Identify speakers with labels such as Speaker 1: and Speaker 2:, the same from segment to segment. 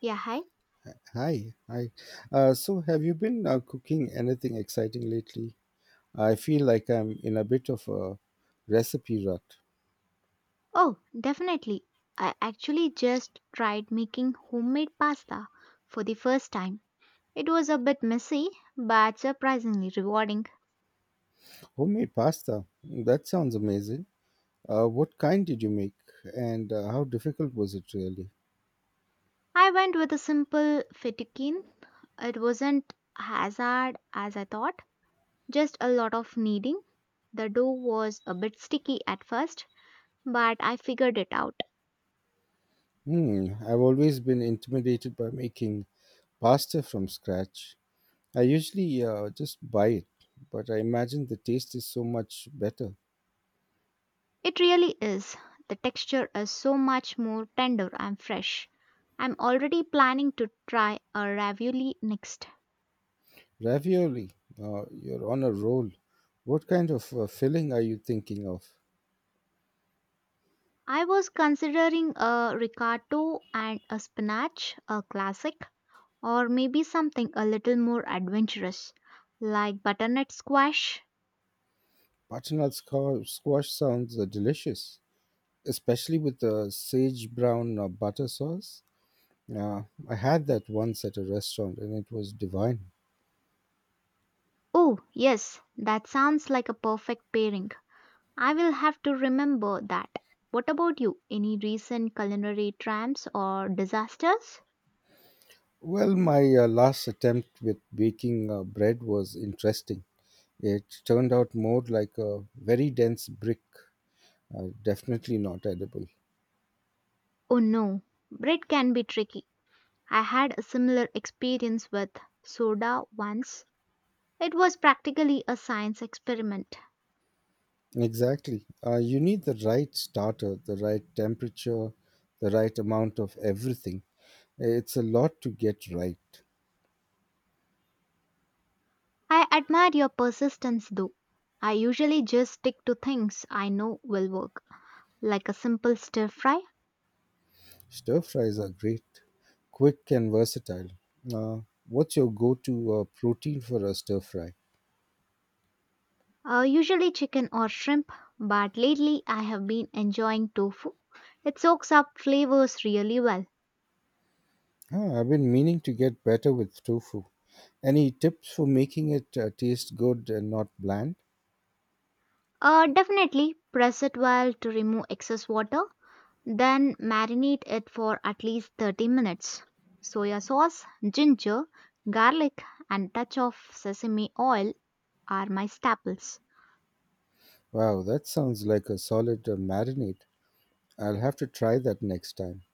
Speaker 1: Yeah, hi.
Speaker 2: Hi, hi. Have you been cooking anything exciting lately? I feel like I'm in a bit of a recipe rut.
Speaker 1: Oh, definitely. I actually just tried making homemade pasta for the first time. It was a bit messy, but surprisingly rewarding.
Speaker 2: Homemade pasta. That sounds amazing. What kind did you make, and how difficult was it really?
Speaker 1: I went with a simple fettuccine. It wasn't as hard as I thought, just a lot of kneading. The dough was a bit sticky at first, but I figured it out.
Speaker 2: Hmm. I've always been intimidated by making pasta from scratch. I usually just buy it, but I imagine the taste is so much better.
Speaker 1: It really is. The texture is so much more tender and fresh. I'm already planning to try a ravioli next.
Speaker 2: Ravioli. You're on a roll. What kind of filling are you thinking of?
Speaker 1: I was considering a ricotta and a spinach, a classic, or maybe something a little more adventurous, like butternut squash.
Speaker 2: Butternut squash sounds delicious, especially with the sage brown butter sauce. I had that once at a restaurant and it was divine.
Speaker 1: Oh, yes, that sounds like a perfect pairing. I will have to remember that. What about you? Any recent culinary triumphs or disasters?
Speaker 2: Well, my last attempt with baking bread was interesting. It turned out more like a very dense brick, definitely not edible.
Speaker 1: Oh no, bread can be tricky. I had a similar experience with soda once. It was practically a science experiment.
Speaker 2: Exactly. You need the right starter, the right temperature, the right amount of everything. It's a lot to get right.
Speaker 1: I admire your persistence though. I usually just stick to things I know will work, like a simple stir fry.
Speaker 2: Stir fries are great, quick and versatile. Uh, what's your go to protein for a stir fry?
Speaker 1: Usually chicken or shrimp, but lately I have been enjoying tofu. It soaks up flavors really well.
Speaker 2: Ah, I've been meaning to get better with tofu. Any tips for making it taste good and not bland?
Speaker 1: Definitely press it well to remove excess water. Then marinate it for at least 30 minutes. Soya sauce, ginger, garlic, and touch of sesame oil are my staples.
Speaker 2: Wow, that sounds like a solid marinade. I'll have to try that next time.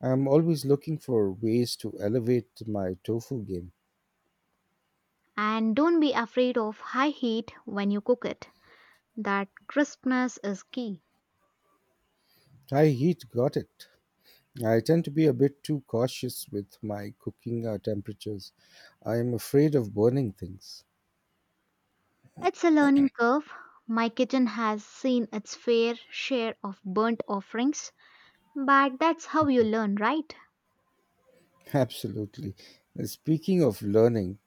Speaker 2: I'm always looking for ways to elevate my tofu game.
Speaker 1: And don't be afraid of high heat when you cook it. That crispness is key.
Speaker 2: Thai heat got it. I tend to be a bit too cautious with my cooking temperatures. I am afraid of burning things.
Speaker 1: It's a learning curve. My kitchen has seen its fair share of burnt offerings, but that's how you learn, right?
Speaker 2: Absolutely. Speaking of learning,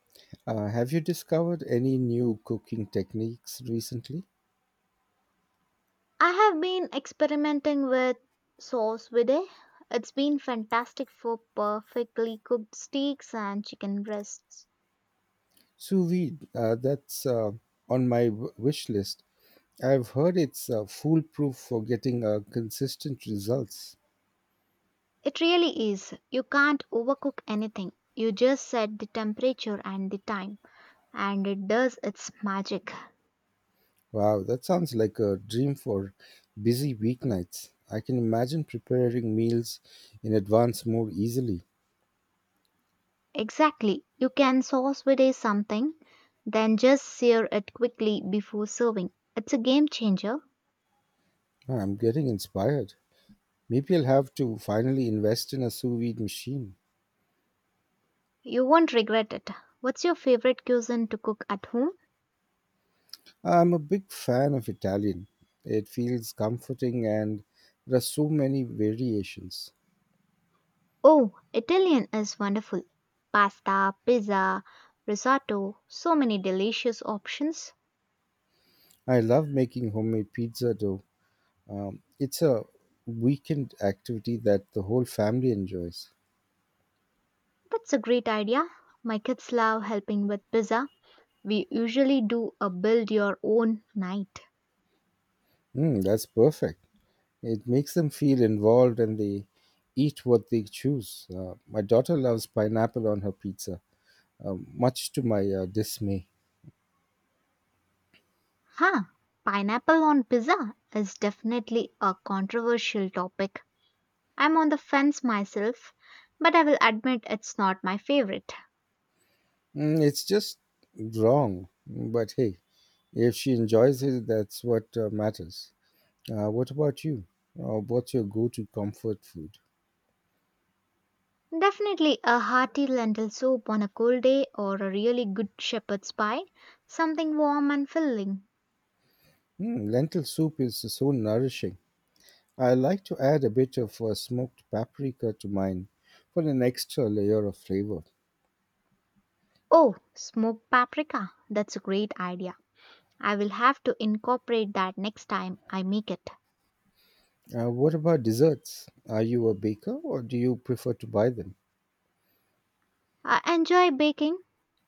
Speaker 2: have you discovered any new cooking techniques recently?
Speaker 1: I have been experimenting with sauce vide. It's been fantastic for perfectly cooked steaks and chicken breasts.
Speaker 2: Sous vide, that's on my wish list. I've heard it's foolproof for getting consistent results.
Speaker 1: It really is. You can't overcook anything. You just set the temperature and the time, and it does its magic.
Speaker 2: Wow, that sounds like a dream for busy weeknights. I can imagine preparing meals in advance more easily.
Speaker 1: Exactly. You can sauce vide something, then just sear it quickly before serving. It's a game changer.
Speaker 2: Oh, I'm getting inspired. Maybe I'll have to finally invest in a sous vide machine.
Speaker 1: You won't regret it. What's your favorite cuisine to cook at home?
Speaker 2: I'm a big fan of Italian. It feels comforting and there are so many variations.
Speaker 1: Oh, Italian is wonderful. Pasta, pizza, risotto, so many delicious options.
Speaker 2: I love making homemade pizza dough. It's a weekend activity that the whole family enjoys.
Speaker 1: That's a great idea. My kids love helping with pizza. We usually do a build your own night.
Speaker 2: Mm, that's perfect. It makes them feel involved and they eat what they choose. My daughter loves pineapple on her pizza, much to my dismay.
Speaker 1: Huh, pineapple on pizza is definitely a controversial topic. I'm on the fence myself, but I will admit it's not my favorite.
Speaker 2: Mm, it's just wrong. But hey, if she enjoys it, that's what matters. What about you? What's your go to comfort food?
Speaker 1: Definitely a hearty lentil soup on a cold day or a really good shepherd's pie, something warm and filling.
Speaker 2: Mm, lentil soup is so nourishing. I like to add a bit of smoked paprika to mine for an extra layer of flavor.
Speaker 1: Oh, smoked paprika. That's a great idea. I will have to incorporate that next time I make it.
Speaker 2: What about desserts? Are you a baker or do you prefer to buy them?
Speaker 1: I enjoy baking,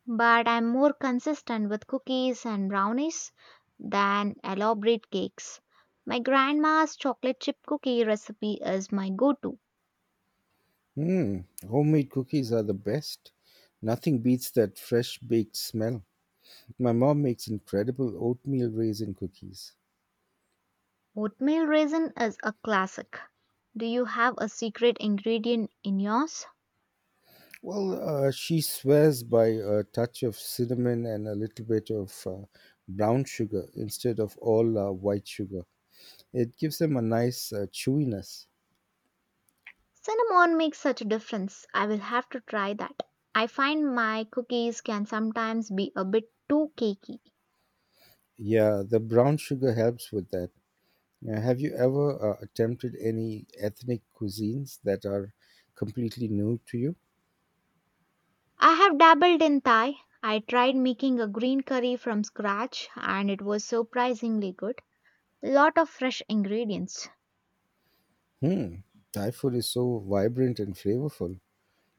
Speaker 1: but I'm more consistent with cookies and brownies than elaborate cakes. My grandma's chocolate chip cookie recipe is my go to.
Speaker 2: Mm, homemade cookies are the best. Nothing beats that fresh baked smell. My mom makes incredible oatmeal raisin cookies.
Speaker 1: Oatmeal raisin is a classic. Do you have a secret ingredient in yours?
Speaker 2: Well, she swears by a touch of cinnamon and a little bit of brown sugar instead of all white sugar. It gives them a nice chewiness.
Speaker 1: Cinnamon makes such a difference. I will have to try that. I find my cookies can sometimes be a bit too cakey.
Speaker 2: Yeah, the brown sugar helps with that. Now, have you ever attempted any ethnic cuisines that are completely new to you?
Speaker 1: I have dabbled in Thai. I tried making a green curry from scratch and it was surprisingly good. Lot of fresh ingredients.
Speaker 2: Hmm, Thai food is so vibrant and flavorful.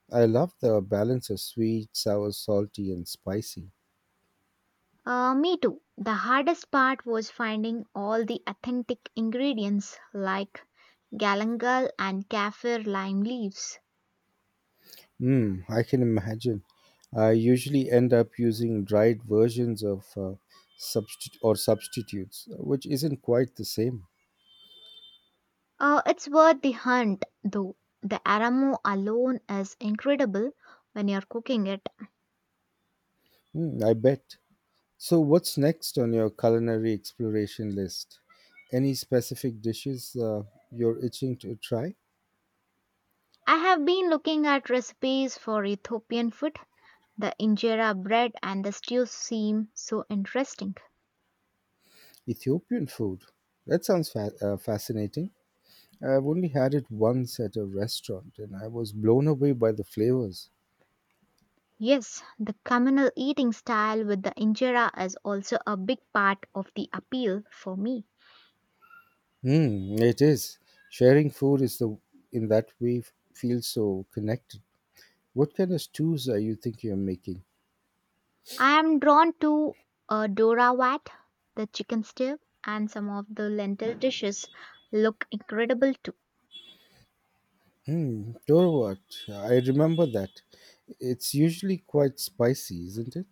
Speaker 2: I love the balance of sweet, sour, salty, and spicy.
Speaker 1: Me too. The hardest part was finding all the authentic ingredients like galangal and kaffir lime leaves.
Speaker 2: Mm, I can imagine. I usually end up using dried versions of substi- or substitutes, which isn't quite the same.
Speaker 1: It's worth the hunt though. The aroma alone is incredible when you're cooking it.
Speaker 2: Mm, I bet. So, what's next on your culinary exploration list? Any specific dishes you're itching to try?
Speaker 1: I have been looking at recipes for Ethiopian food. The injera bread and the stew seem so interesting.
Speaker 2: Ethiopian food. That sounds fascinating. I've only had it once at a restaurant and I was blown away by the flavors.
Speaker 1: Yes, the communal eating style with the injera is also a big part of the appeal for me.
Speaker 2: Mm, it is. Sharing food is the in that way feels so connected. What kind of stews are you thinking of making?
Speaker 1: I am drawn to Dora Wat, the chicken stew, and some of the lentil dishes look incredible too.
Speaker 2: Hmm, what? I remember that. It's usually quite spicy, isn't it?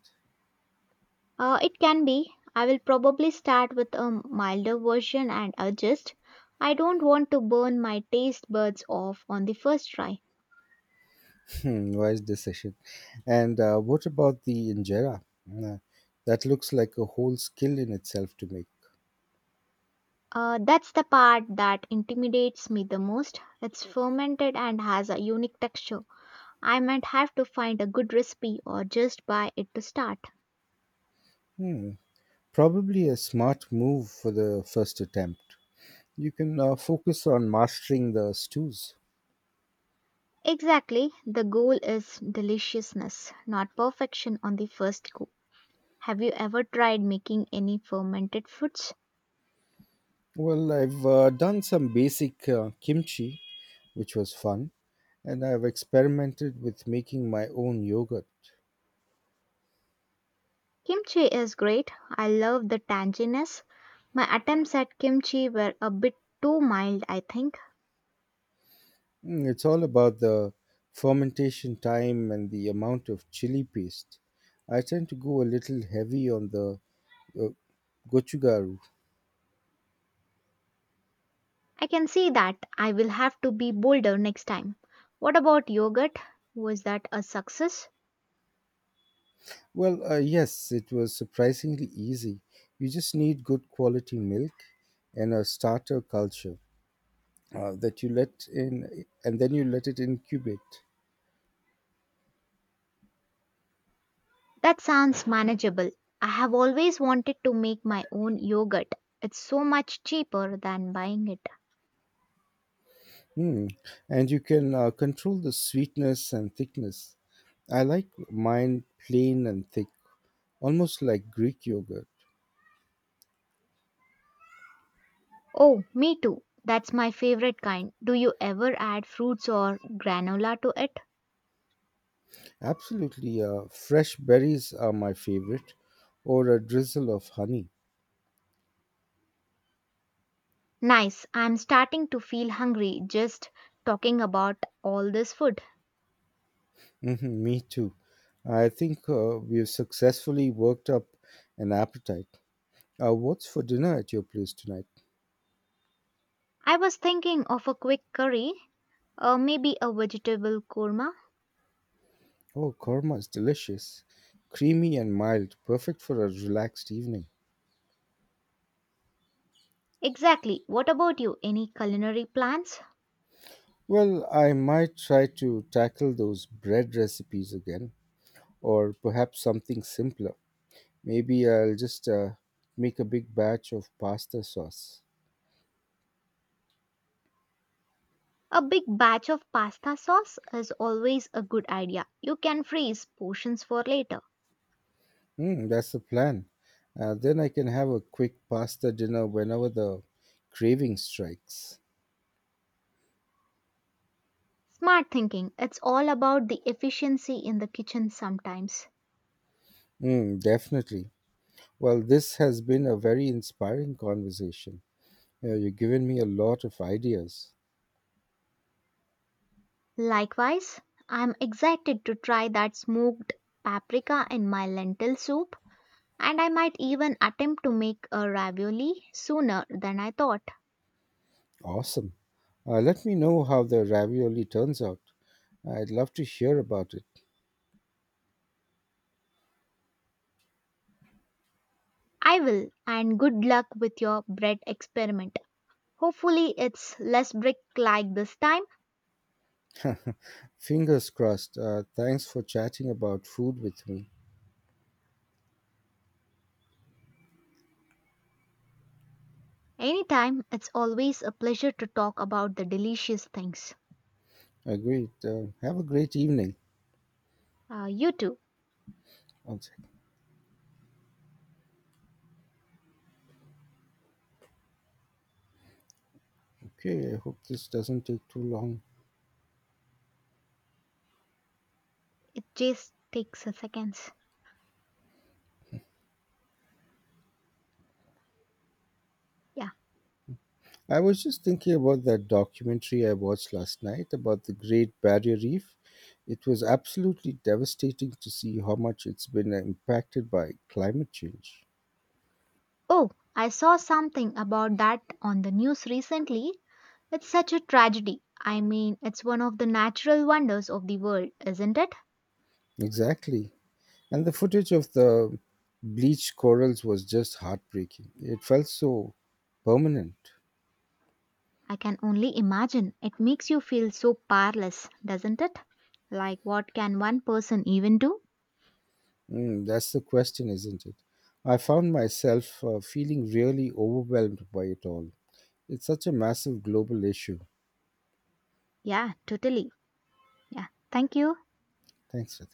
Speaker 1: It can be. I will probably start with a milder version and adjust. I don't want to burn my taste buds off on the first try.
Speaker 2: Hmm, wise decision. And what about the injera? Uh, that looks like a whole skill in itself to make.
Speaker 1: That's the part that intimidates me the most. It's fermented and has a unique texture. I might have to find a good recipe or just buy it to start.
Speaker 2: Hmm, probably a smart move for the first attempt. You can focus on mastering the stews.
Speaker 1: Exactly. The goal is deliciousness, not perfection on the first go. Have you ever tried making any fermented foods?
Speaker 2: Well, I've done some basic kimchi, which was fun, and I've experimented with making my own yogurt.
Speaker 1: Kimchi is great. I love the tanginess. My attempts at kimchi were a bit too mild, I think.
Speaker 2: Mm, it's all about the fermentation time and the amount of chili paste. I tend to go a little heavy on the uh, gochugaru.
Speaker 1: I can see that. I will have to be bolder next time. What about yogurt? Was that a success?
Speaker 2: Well, yes, it was surprisingly easy. You just need good quality milk and a starter culture that you let in, and then you let it incubate.
Speaker 1: That sounds manageable. I have always wanted to make my own yogurt. It's so much cheaper than buying it.
Speaker 2: Hmm, and you can control the sweetness and thickness. I like mine plain and thick, almost like Greek yogurt.
Speaker 1: Oh, me too. That's my favorite kind. Do you ever add fruits or granola to it?
Speaker 2: Absolutely, fresh berries are my favorite, or a drizzle of honey.
Speaker 1: Nice. I'm starting to feel hungry just talking about all this food.
Speaker 2: Hmm, me too. I think we've successfully worked up an appetite. What's for dinner at your place tonight?
Speaker 1: I was thinking of a quick curry, or maybe a vegetable korma.
Speaker 2: Oh, korma is delicious, creamy and mild, perfect for a relaxed evening.
Speaker 1: Exactly. What about you? Any culinary plans?
Speaker 2: Well, I might try to tackle those bread recipes again, or perhaps something simpler. Maybe I'll just make a big batch of pasta sauce.
Speaker 1: A big batch of pasta sauce is always a good idea. You can freeze portions for later.
Speaker 2: Hmm, that's the plan. Then I can have a quick pasta dinner whenever the craving strikes.
Speaker 1: Smart thinking. It's all about the efficiency in the kitchen sometimes.
Speaker 2: Mm, definitely. Well, this has been a very inspiring conversation. You've given me a lot of ideas.
Speaker 1: Likewise, I'm excited to try that smoked paprika in my lentil soup, and I might even attempt to make a ravioli sooner than I thought.
Speaker 2: Awesome. Let me know how the ravioli turns out. I'd love to hear about it.
Speaker 1: I will, and good luck with your bread experiment. Hopefully, it's less brick like this time.
Speaker 2: Fingers crossed. Thanks for chatting about food with me.
Speaker 1: Anytime, it's always a pleasure to talk about the delicious things.
Speaker 2: Agreed. Have a great evening.
Speaker 1: You too.
Speaker 2: One second. Okay, I hope this doesn't take too long.
Speaker 1: It just takes a seconds. Yeah.
Speaker 2: I was just thinking about that documentary I watched last night about the Great Barrier Reef. It was absolutely devastating to see how much it's been impacted by climate change.
Speaker 1: Oh, I saw something about that on the news recently. It's such a tragedy. I mean, it's one of the natural wonders of the world, isn't it?
Speaker 2: Exactly. And the footage of the bleached corals was just heartbreaking. It felt so permanent.
Speaker 1: I can only imagine. It makes you feel so powerless, doesn't it? Like, what can one person even do?
Speaker 2: Mm, that's the question, isn't it? I found myself feeling really overwhelmed by it all. It's such a massive global issue.
Speaker 1: Yeah, totally. Yeah, thank you.
Speaker 2: Thanks for